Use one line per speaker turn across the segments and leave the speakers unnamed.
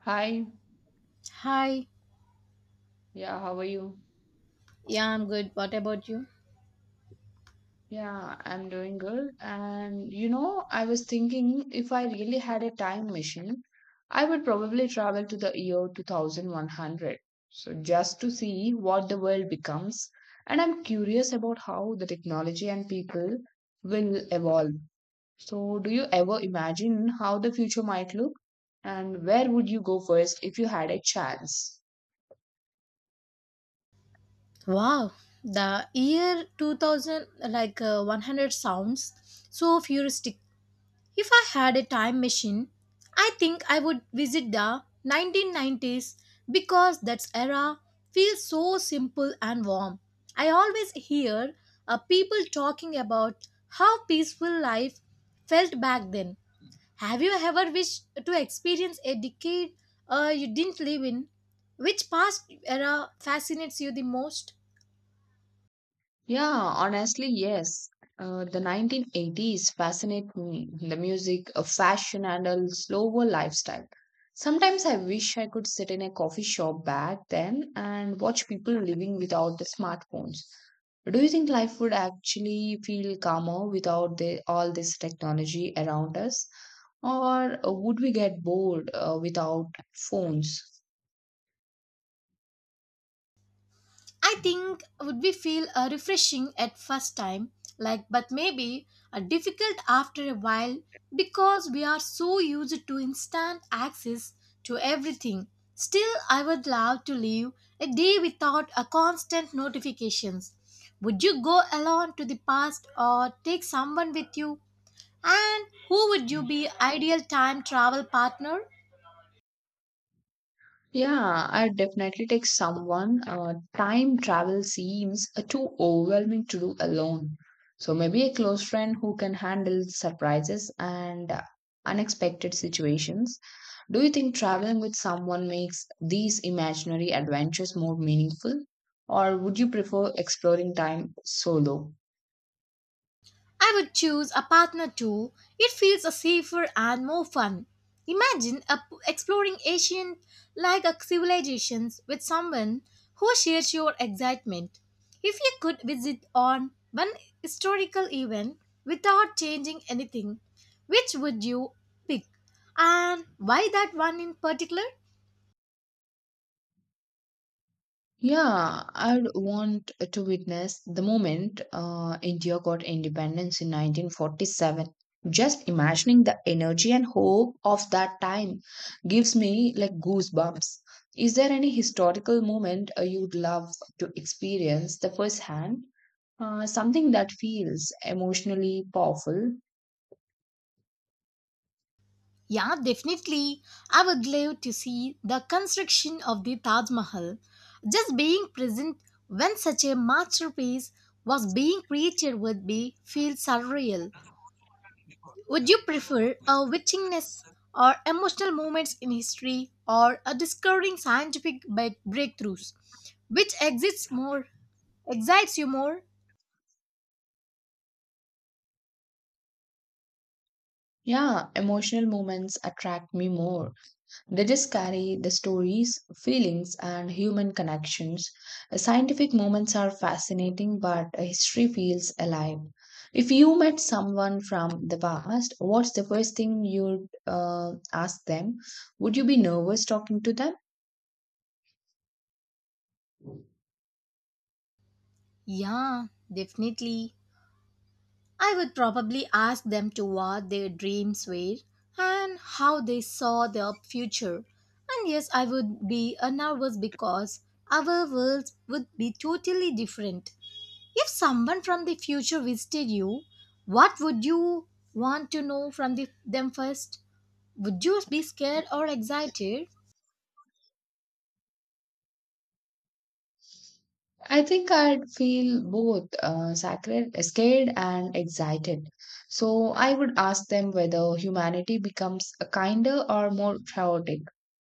Hi,
Hi,
yeah, how are you?
yeah, I'm good. What about you?
Yeah, I'm doing good. And you know, I was thinking if I really had a time machine, I would probably travel to the year 2100. So just to see what the world becomes. And I'm curious about how the technology and people will evolve. So, do you ever imagine how the future might look? And where would you go first if you had a chance?
Wow, the year 2000, 100 sounds so futuristic. If I had a time machine, I think I would visit the 1990s because that era feels so simple and warm. I always hear people talking about how peaceful life felt back then. Have you ever wished to experience a decade you didn't live in? Which past era fascinates you the most?
Yeah, honestly, yes. The 1980s fascinate me. The music, fashion, and a slower lifestyle. Sometimes I wish I could sit in a coffee shop back then and watch people living without the smartphones. Do you think life would actually feel calmer without all this technology around us? Or would we get bored without phones?
I think would be feel refreshing at first time, but maybe difficult after a while because we are so used to instant access to everything. Still, I would love to live a day without a constant notifications. Would you go alone to the past or take someone with you? And who would you be ideal time travel partner?
Yeah, I definitely take someone. Time travel seems too overwhelming to do alone. So maybe a close friend who can handle surprises and unexpected situations. Do you think traveling with someone makes these imaginary adventures more meaningful? Or would you prefer exploring time solo?
I would choose a partner too. It feels a safer and more fun. Imagine exploring ancient like a civilizations with someone who shares your excitement. If you could visit on one historical event without changing anything, which would you pick? And why that one in particular?
Yeah, I'd want to witness the moment India got independence in 1947. Just imagining the energy and hope of that time gives me like goosebumps. Is there any historical moment you'd love to experience the first hand? Something that feels emotionally powerful.
Yeah, definitely. I would love to see the construction of the Taj Mahal. Just being present when such a masterpiece was being created would be feel surreal. Would you prefer a witchiness or emotional moments in history or a discovering scientific breakthroughs? Which exists more excites you more?
Yeah, emotional moments attract me more. They just carry the stories, feelings, and human connections. Scientific moments are fascinating, but history feels alive. If you met someone from the past, what's the first thing you'd ask them? Would you be nervous talking to them?
Yeah, definitely. I would probably ask them to what their dreams were and how they saw their future. And yes, I would be nervous because our worlds would be totally different. If someone from the future visited you, what would you want to know from them first? Would you be scared or excited?
I think I'd feel both scared and excited. So I would ask them whether humanity becomes a kinder or more chaotic.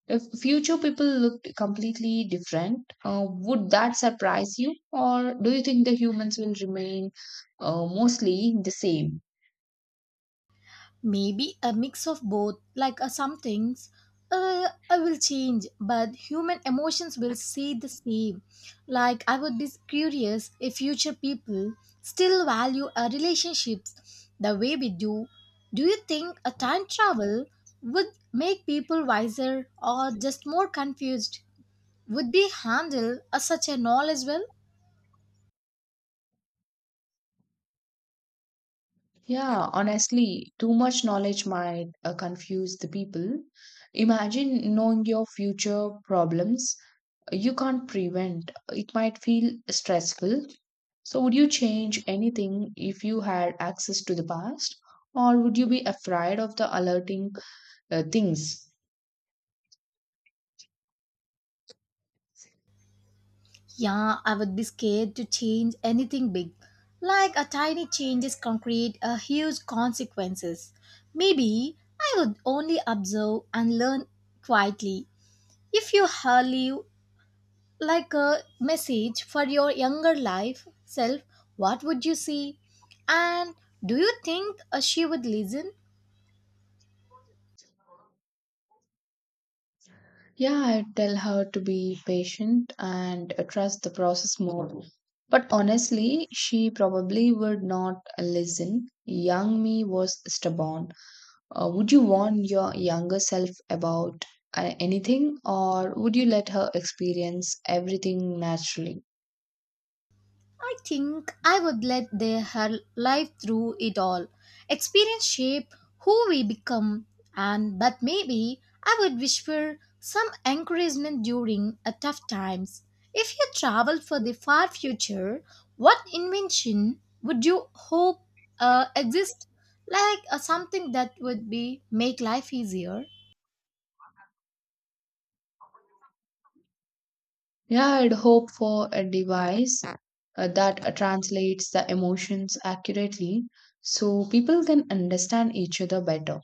If future people looked completely different, would that surprise you? Or do you think the humans will remain mostly the same?
Maybe a mix of both, like some things I will change, but human emotions will stay the same. Like I would be curious if future people still value our relationships the way we do. Do you think a time travel would make people wiser or just more confused? Would we handle such a knowledge well?
Yeah, honestly, too much knowledge might confuse the people. Imagine knowing your future problems you can't prevent. It might feel stressful. So, would you change anything if you had access to the past, or would you be afraid of the alerting things?
Yeah, I would be scared to change anything big. Like a tiny change can create a huge consequences. Maybe I would only observe and learn quietly. If you leave like a message for your younger life self, what would you say? And do you think she would listen?
Yeah, I tell her to be patient and trust the process more. But honestly, she probably would not listen. Young me was stubborn. Would you warn your younger self about anything, or would you let her experience everything naturally?
I think I would let their her life through it all. Experience shape who we become, and but maybe I would wish for some encouragement during a tough times. If you travel for the far future, what invention would you hope exist? Like something that would be make life easier.
Yeah, I'd hope for a device that translates the emotions accurately so people can understand each other better.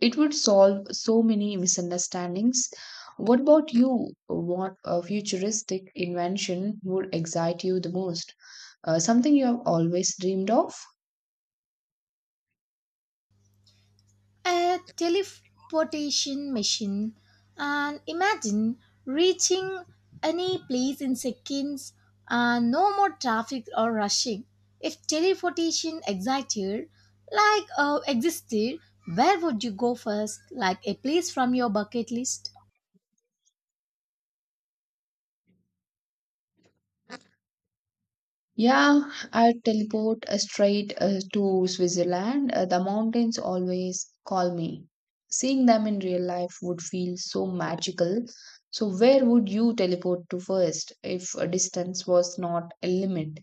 It would solve so many misunderstandings. What about you? What futuristic invention would excite you the most? Something you have always dreamed of?
A teleportation machine and imagine reaching any place in seconds and no more traffic or rushing. If teleportation existed, where would you go first? Like a place from your bucket list?
Yeah, I teleport straight to Switzerland. The mountains always call me. Seeing them in real life would feel so magical. So, where would you teleport to first if a distance was not a limit?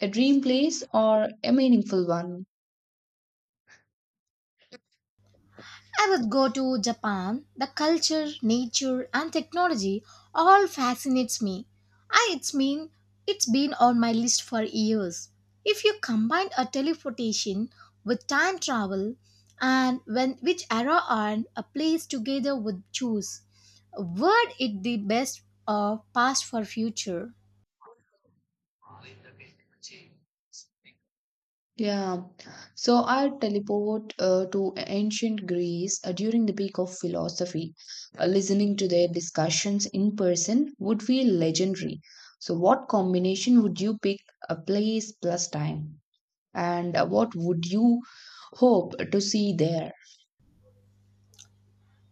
A dream place or a meaningful one?
I would go to Japan. The culture, nature, and technology all fascinates me. It's mean it's been on my list for years. If you combine a teleportation with time travel and when which era and a place together would choose, would it the best or past for future?
Yeah, so I teleport to ancient Greece during the peak of philosophy. Listening to their discussions in person would feel legendary. So, what combination would you pick? A place plus time. And what would you hope to see there?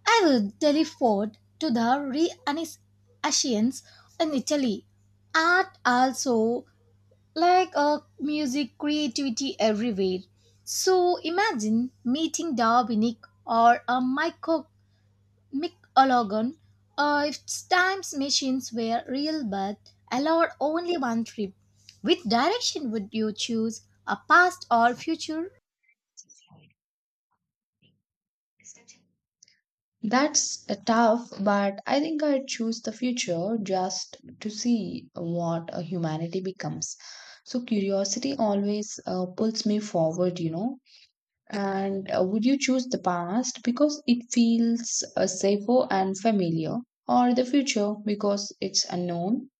I would teleport to the Renaissance in Italy. Art also like music creativity everywhere, so imagine meeting darwinic or a Michael micologon. If times machines were real but allowed only one trip, which direction would you choose, a past or future?
That's tough, but I think I'd choose the future just to see what humanity becomes. So, curiosity always pulls me forward, you know. And would you choose the past because it feels safer and familiar, or the future because it's unknown?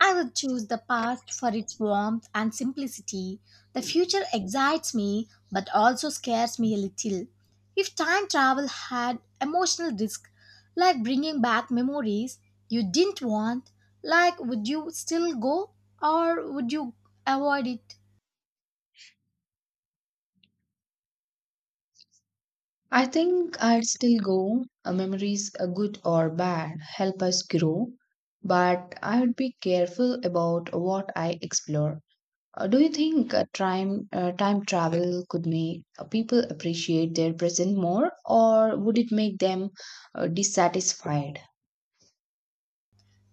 I would choose the past for its warmth and simplicity. The future excites me but also scares me a little. If time travel had emotional risk, like bringing back memories you didn't want, like would you still go or would you avoid it?
I think I'd still go. Memories, good or bad, help us grow, but I would be careful about what I explore. Do you think time travel could make people appreciate their present more, or would it make them dissatisfied?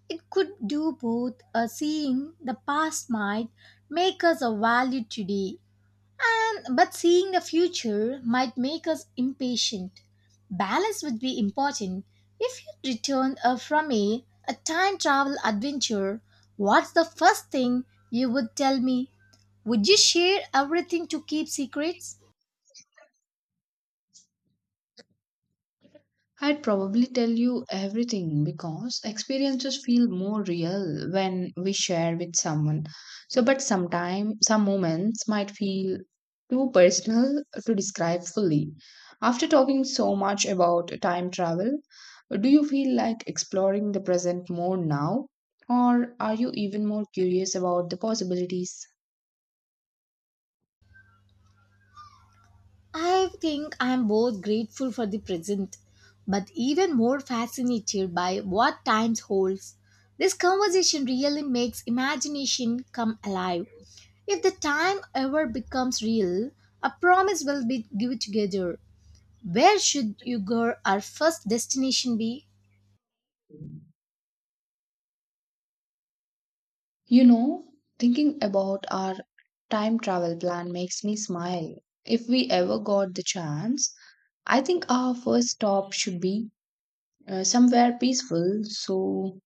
It could do both. A Seeing the past might make us a value today. And but seeing the future might make us impatient. Balance would be important. If you returned from a time travel adventure, what's the first thing you would tell me? Would you share everything to keep secrets?
I'd probably tell you everything because experiences feel more real when we share with someone. So, but sometimes some moments might feel too personal to describe fully. After talking so much about time travel, do you feel like exploring the present more now? Or are you even more curious about the possibilities?
I think I am both grateful for the present, but even more fascinated by what time holds. This conversation really makes imagination come alive. If the time ever becomes real, a promise will be given together. Where should you go our first destination be?
You know, thinking about our time travel plan makes me smile. If we ever got the chance, I think our first stop should be somewhere peaceful so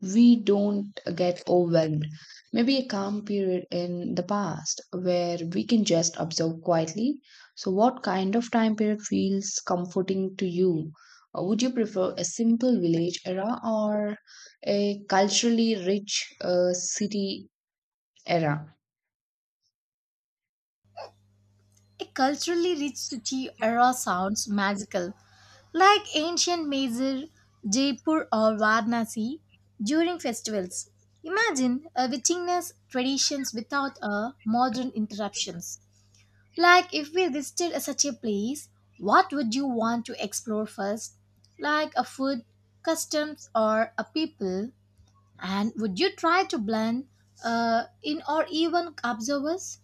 we don't get overwhelmed. Maybe a calm period in the past where we can just observe quietly. So, what kind of time period feels comforting to you? Would you prefer a simple village era or a culturally rich city era.
A culturally rich city era sounds magical, like ancient Mysore, Jaipur, or Varanasi during festivals. Imagine witness traditions without modern interruptions. Like if we visited such a place, what would you want to explore first? Like a food, customs, or a people? And would you try to blend in or even observe us?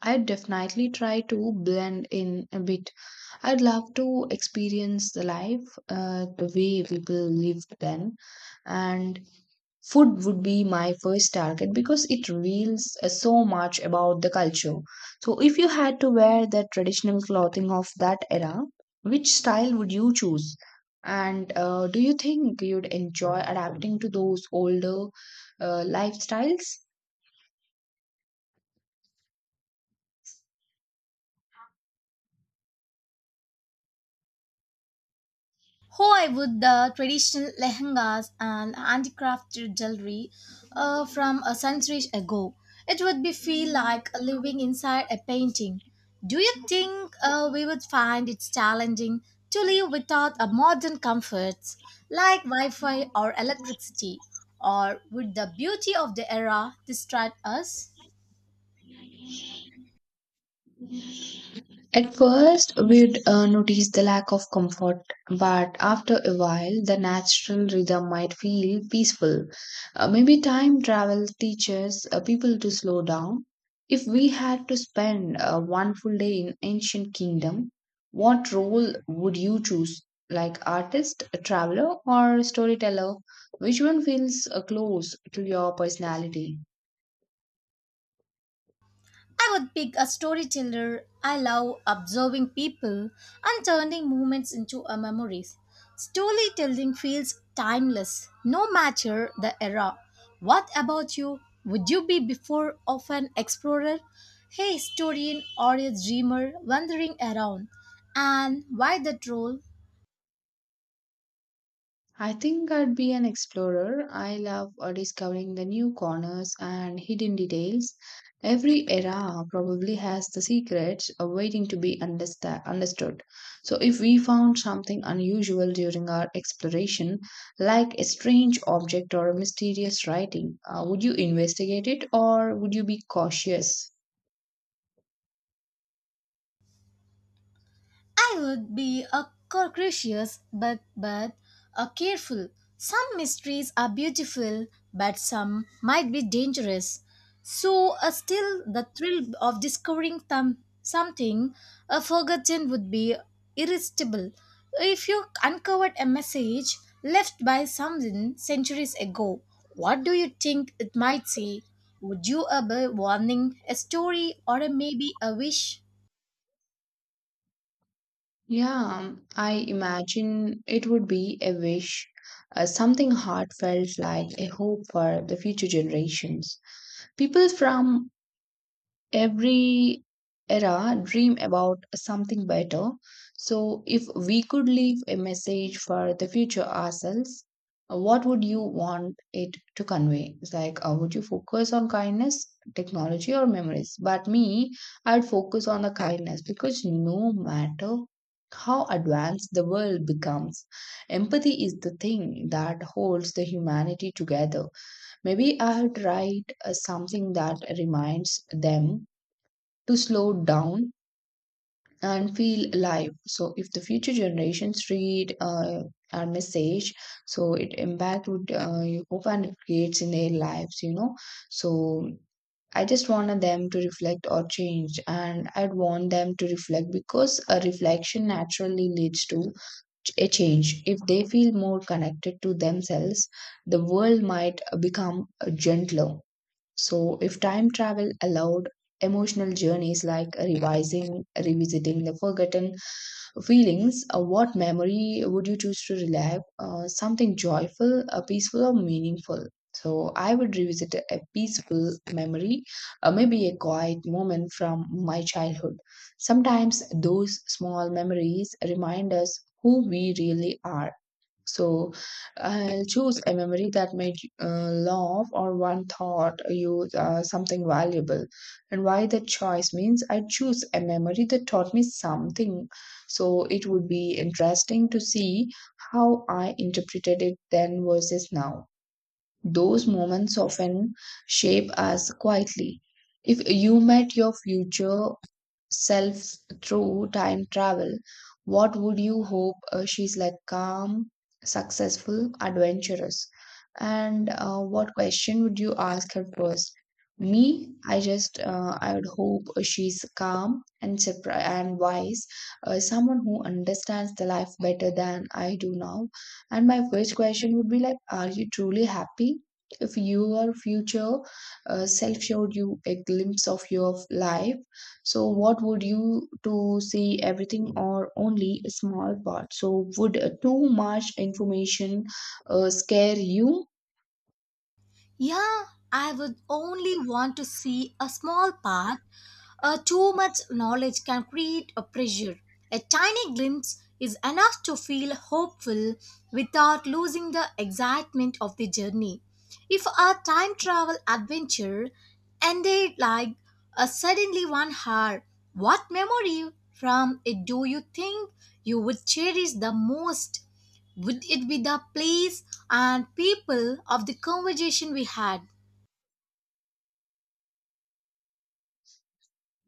I would definitely try to blend in a bit. I'd love to experience the life, the way people lived then, and food would be my first target because it reveals so much about the culture. So, if you had to wear the traditional clothing of that era, which style would you choose? And do you think you'd enjoy adapting to those older lifestyles?
How I would the traditional lehengas and handicrafted jewelry from a century ago. It would be feel like living inside a painting. Do you think we would find it challenging to live without a modern comforts like Wi-Fi or electricity, or would the beauty of the era distract us?
At first, we'd notice the lack of comfort, but after a while, the natural rhythm might feel peaceful. Maybe time travel teaches people to slow down. If we had to spend one full day in ancient kingdom, what role would you choose? Like artist, a traveler, or storyteller? Which one feels close to your personality?
I would pick a storyteller. I love observing people and turning moments into a memories. Storytelling feels timeless, no matter the era. What about you? Would you be before of an explorer, a historian, or a dreamer wandering around? And why that role?
I think I'd be an explorer. I love discovering the new corners and hidden details. Every era probably has the secrets waiting to be understood. So, if we found something unusual during our exploration, like a strange object or a mysterious writing, would you investigate it or would you be cautious?
I would be a cautious but a careful. Some mysteries are beautiful, but some might be dangerous. So, still, the thrill of discovering something a forgotten would be irresistible. If you uncovered a message left by someone centuries ago, what do you think it might say? Would you be a warning, a story, or a maybe a wish?
Yeah, I imagine it would be a wish, something heartfelt like a hope for the future generations. People from every era dream about something better. So, if we could leave a message for the future ourselves, what would you want it to convey? It's like, would you focus on kindness, technology, or memories? But me, I'd focus on the kindness because no matter how advanced the world becomes, empathy is the thing that holds the humanity together. Maybe I would write something that reminds them to slow down and feel alive. So if the future generations read our message, so it impact would you hope and it creates in their lives, you know. So I just wanted them to reflect or change, and I'd want them to reflect because a reflection naturally leads to a change. If they feel more connected to themselves, the world might become gentler. So, if time travel allowed emotional journeys like revisiting the forgotten feelings, what memory would you choose to relive? Something joyful, peaceful, or meaningful? So, I would revisit a peaceful memory, maybe a quiet moment from my childhood. Sometimes those small memories remind us who we really are. So I'll choose a memory that made you laugh or one thought you something valuable. And why that choice means I choose a memory that taught me something. So it would be interesting to see how I interpreted it then versus now. Those moments often shape us quietly. If you met your future self through time travel, what would you hope she's like calm, successful, adventurous? And what question would you ask her first? Me, I would hope she's calm and and wise, someone who understands the life better than I do now and my first question would be like, are you truly happy? If your future self showed you a glimpse of your life, so what would you to see everything or only a small part? So would too much information scare you?
Yeah, I would only want to see a small part. Too much knowledge can create a pressure. A tiny glimpse is enough to feel hopeful without losing the excitement of the journey. If a time travel adventure ended like a suddenly 1 hour, what memory from it do you think you would cherish the most? Would it be the place and people of the conversation we had?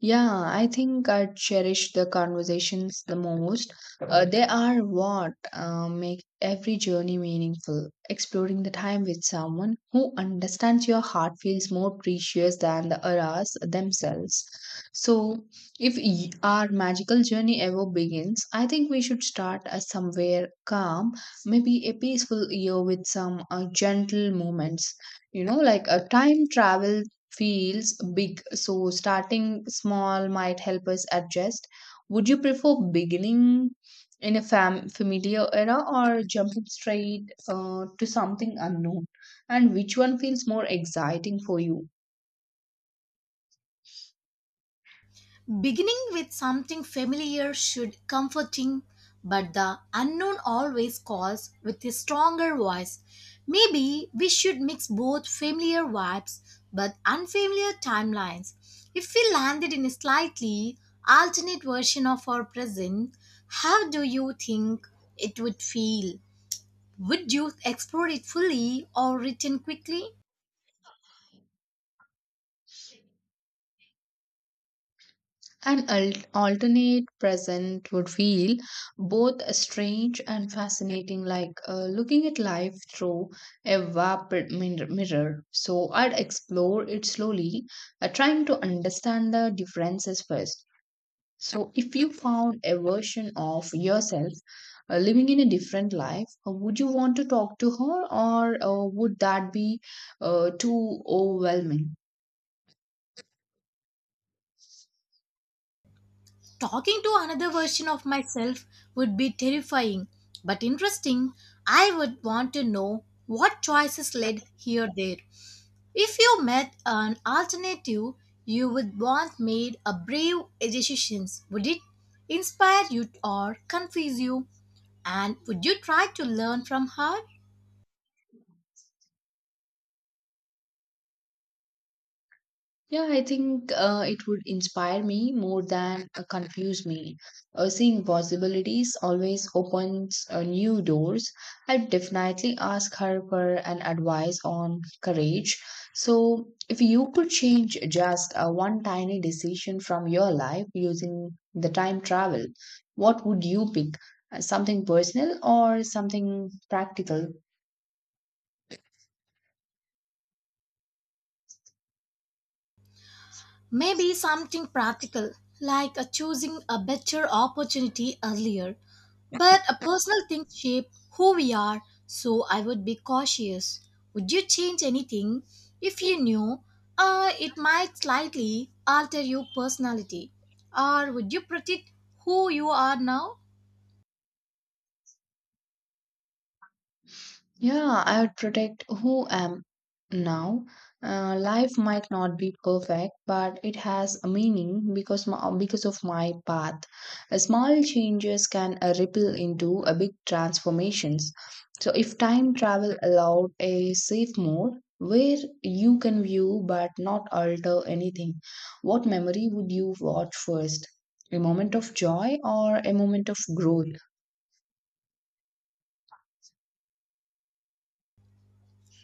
Yeah, I think I cherish the conversations the most. They are what make every journey meaningful. Exploring the time with someone who understands your heart feels more precious than the hours themselves. So, if our magical journey ever begins, I think we should start somewhere calm, maybe a peaceful year with some gentle moments. You know, like a time travel feels big. So starting small might help us adjust. Would you prefer beginning in a familiar era or jumping straight to something unknown? And which one feels more exciting for you?
Beginning with something familiar should comforting, but the unknown always calls with a stronger voice. Maybe we should mix both familiar vibes but unfamiliar timelines. If we landed in a slightly alternate version of our present, how do you think it would feel? Would you explore it fully or return quickly?
An alternate present would feel both strange and fascinating, like looking at life through a vapid mirror. So I'd explore it slowly, trying to understand the differences first. So, if you found a version of yourself living in a different life, would you want to talk to her, or would that be too overwhelming?
Talking to another version of myself would be terrifying, but interesting. I would want to know what choices led here there. If you met an alternative you would want made a brave decisions, would it inspire you or confuse you? And would you try to learn from her?
Yeah, I think it would inspire me more than confuse me. Seeing possibilities always opens new doors. I'd definitely ask her for an advice on courage. So, if you could change just one tiny decision from your life using the time travel, what would you pick? Something personal or something practical?
Maybe something practical, like choosing a better opportunity earlier. But a personal thing shape who we are, so I would be cautious. Would you change anything if you knew it might slightly alter your personality? Or would you protect who you are now?
Yeah, I would protect who am now. Life might not be perfect, but it has a meaning because of my path. Small changes can ripple into a big transformations. So if time travel allowed a safe mode where you can view but not alter anything, what memory would you watch first? A moment of joy or a moment of growth?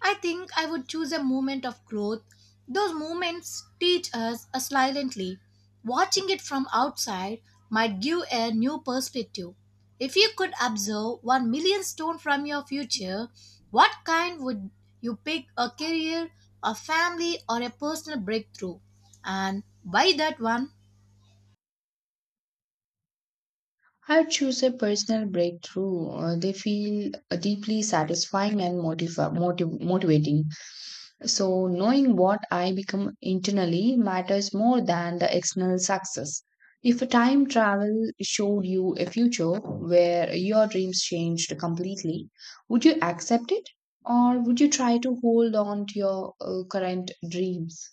I think I would choose a moment of growth. Those moments teach us silently. Watching it from outside might give a new perspective. If you could observe 1 million stone from your future, what kind would you pick, a career, a family, or a personal breakthrough? And why that one?
I choose a personal breakthrough. They feel deeply satisfying and motivating. So, knowing what I become internally matters more than the external success. If a time travel showed you a future where your dreams changed completely, would you accept it or would you try to hold on to your current dreams?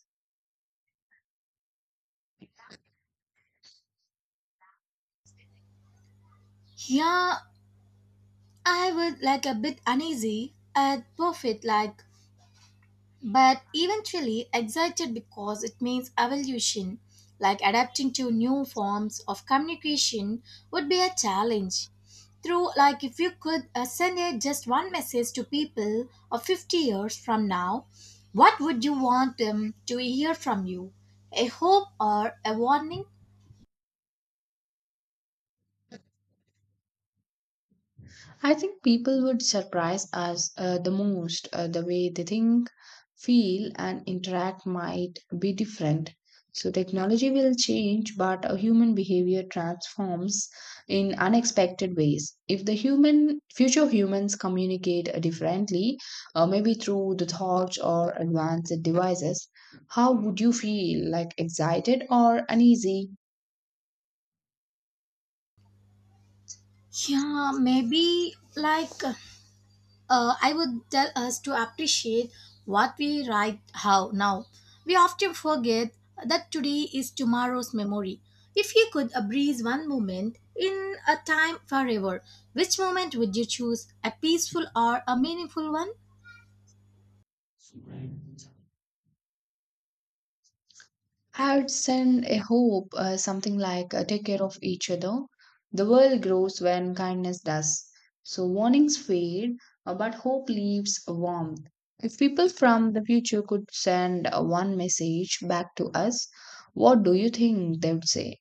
Yeah, I would like a bit uneasy at profit like but eventually excited because it means evolution, like adapting to new forms of communication would be a challenge. Through, like, if you could send just one message to people of 50 years from now, what would you want them to hear from you? A hope or a warning?
I think people would surprise us the most. The way they think, feel, and interact might be different. So, technology will change, but a human behavior transforms in unexpected ways. If the human future humans communicate differently, maybe through the thoughts or advanced devices, how would you feel? Like excited or uneasy?
Yeah, maybe like. I would tell us to appreciate what we write how now. We often forget that today is tomorrow's memory. If you could breeze one moment in a time forever, which moment would you choose? A peaceful or a meaningful one?
I would send a hope, something like take care of each other. The world grows when kindness does. So warnings fade, but hope leaves warmth. If people from the future could send one message back to us, what do you think they would say?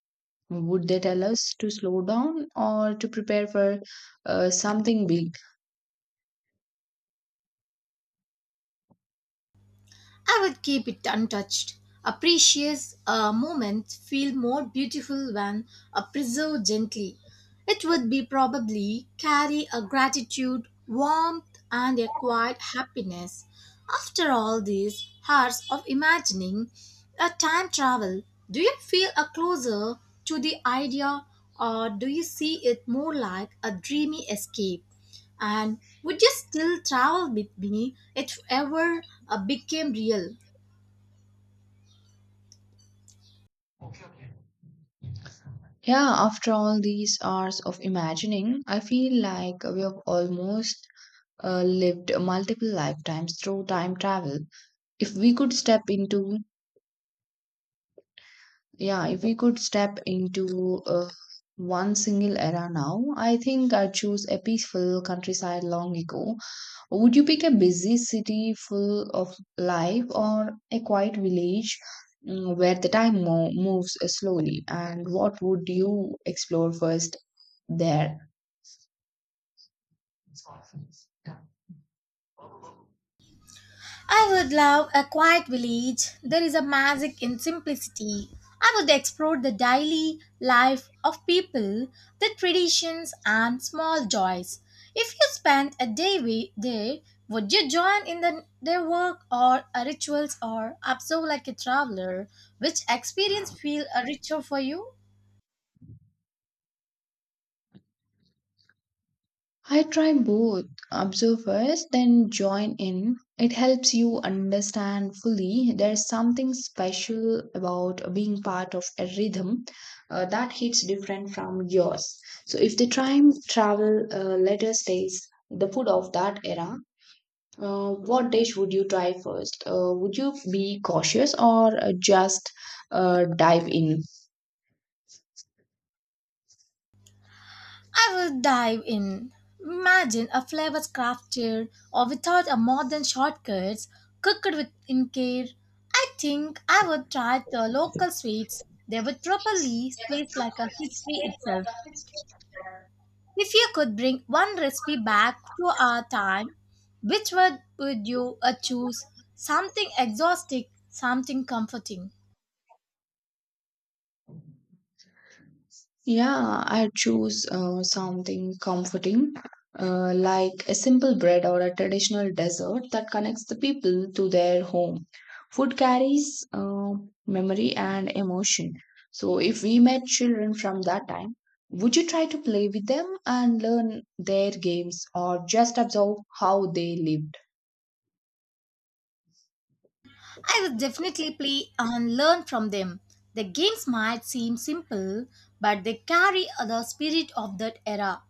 Would they tell us to slow down or to prepare for something big?
I would keep it untouched. A precious moment feel more beautiful when preserved gently. It would be probably carry a gratitude, warmth, and a quiet happiness. After all these hours of imagining a time travel, do you feel a closer to the idea or do you see it more like a dreamy escape? And would you still travel with me if ever became real?
Yeah, after all these hours of imagining, I feel like we have almost lived multiple lifetimes through time travel. If we could step into, yeah, If we could step into one single era now, I think I'd choose a peaceful countryside long ago. Would you pick a busy city full of life or a quiet village? Where the moves slowly, and what would you explore first there?
I would love a quiet village. There is a magic in simplicity. I would explore the daily life of people, the traditions, and small joys. If you spent a day there, would you join in their work or rituals or observe like a traveler? Which experience feel richer for you?
I try both observe first, then join in. It helps you understand fully. There's something special about being part of a rhythm that hits different from yours. So, if the time travel later stays the food of that era, what dish would you try first? Would you be cautious or just dive in?
I will dive in. Imagine a flavor crafted or without a modern shortcuts, cooked with in care. I think I would try the local sweets. They would probably taste like a history itself. If you could bring one recipe back to our time, which one would you choose? Something exotic, something comforting.
Yeah, I choose something comforting, like a simple bread or a traditional dessert that connects the people to their home. Food carries memory and emotion. So, if we met children from that time, would you try to play with them and learn their games or just observe how they live?
I would definitely play and learn from them. The games might seem simple, but they carry the spirit of that era.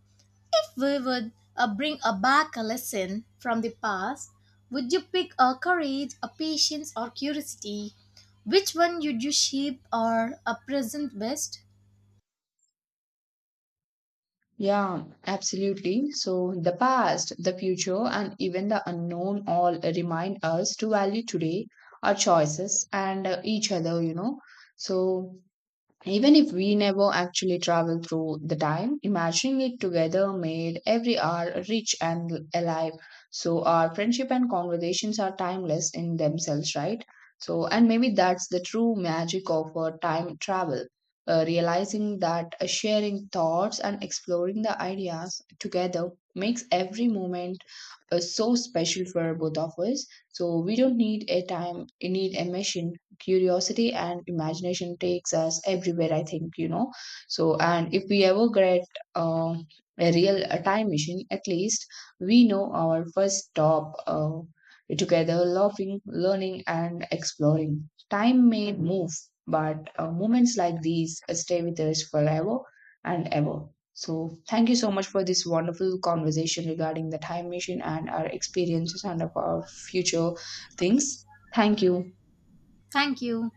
If we would bring back a lesson from the past, would you pick a courage, a patience, or curiosity? Which one would you shape or a present best?
Yeah, absolutely. So, the past, the future, and even the unknown all remind us to value today, our choices, and each other, you know. So, even if we never actually travel through the time, imagining it together made every hour rich and alive. So our friendship and conversations are timeless in themselves, right? So, and maybe that's the true magic of time travel, realizing that sharing thoughts and exploring the ideas together makes every moment so special for both of us. So we don't need a time, we need a machine curiosity and imagination takes us everywhere I think, you know. So and if we ever get uh, a real time machine, at least we know our first stop, together laughing learning and exploring. Time may move, but moments like these stay with us forever and ever. So thank you so much for this wonderful conversation regarding the time machine and our experiences and of our future things. Thank you.
Thank you.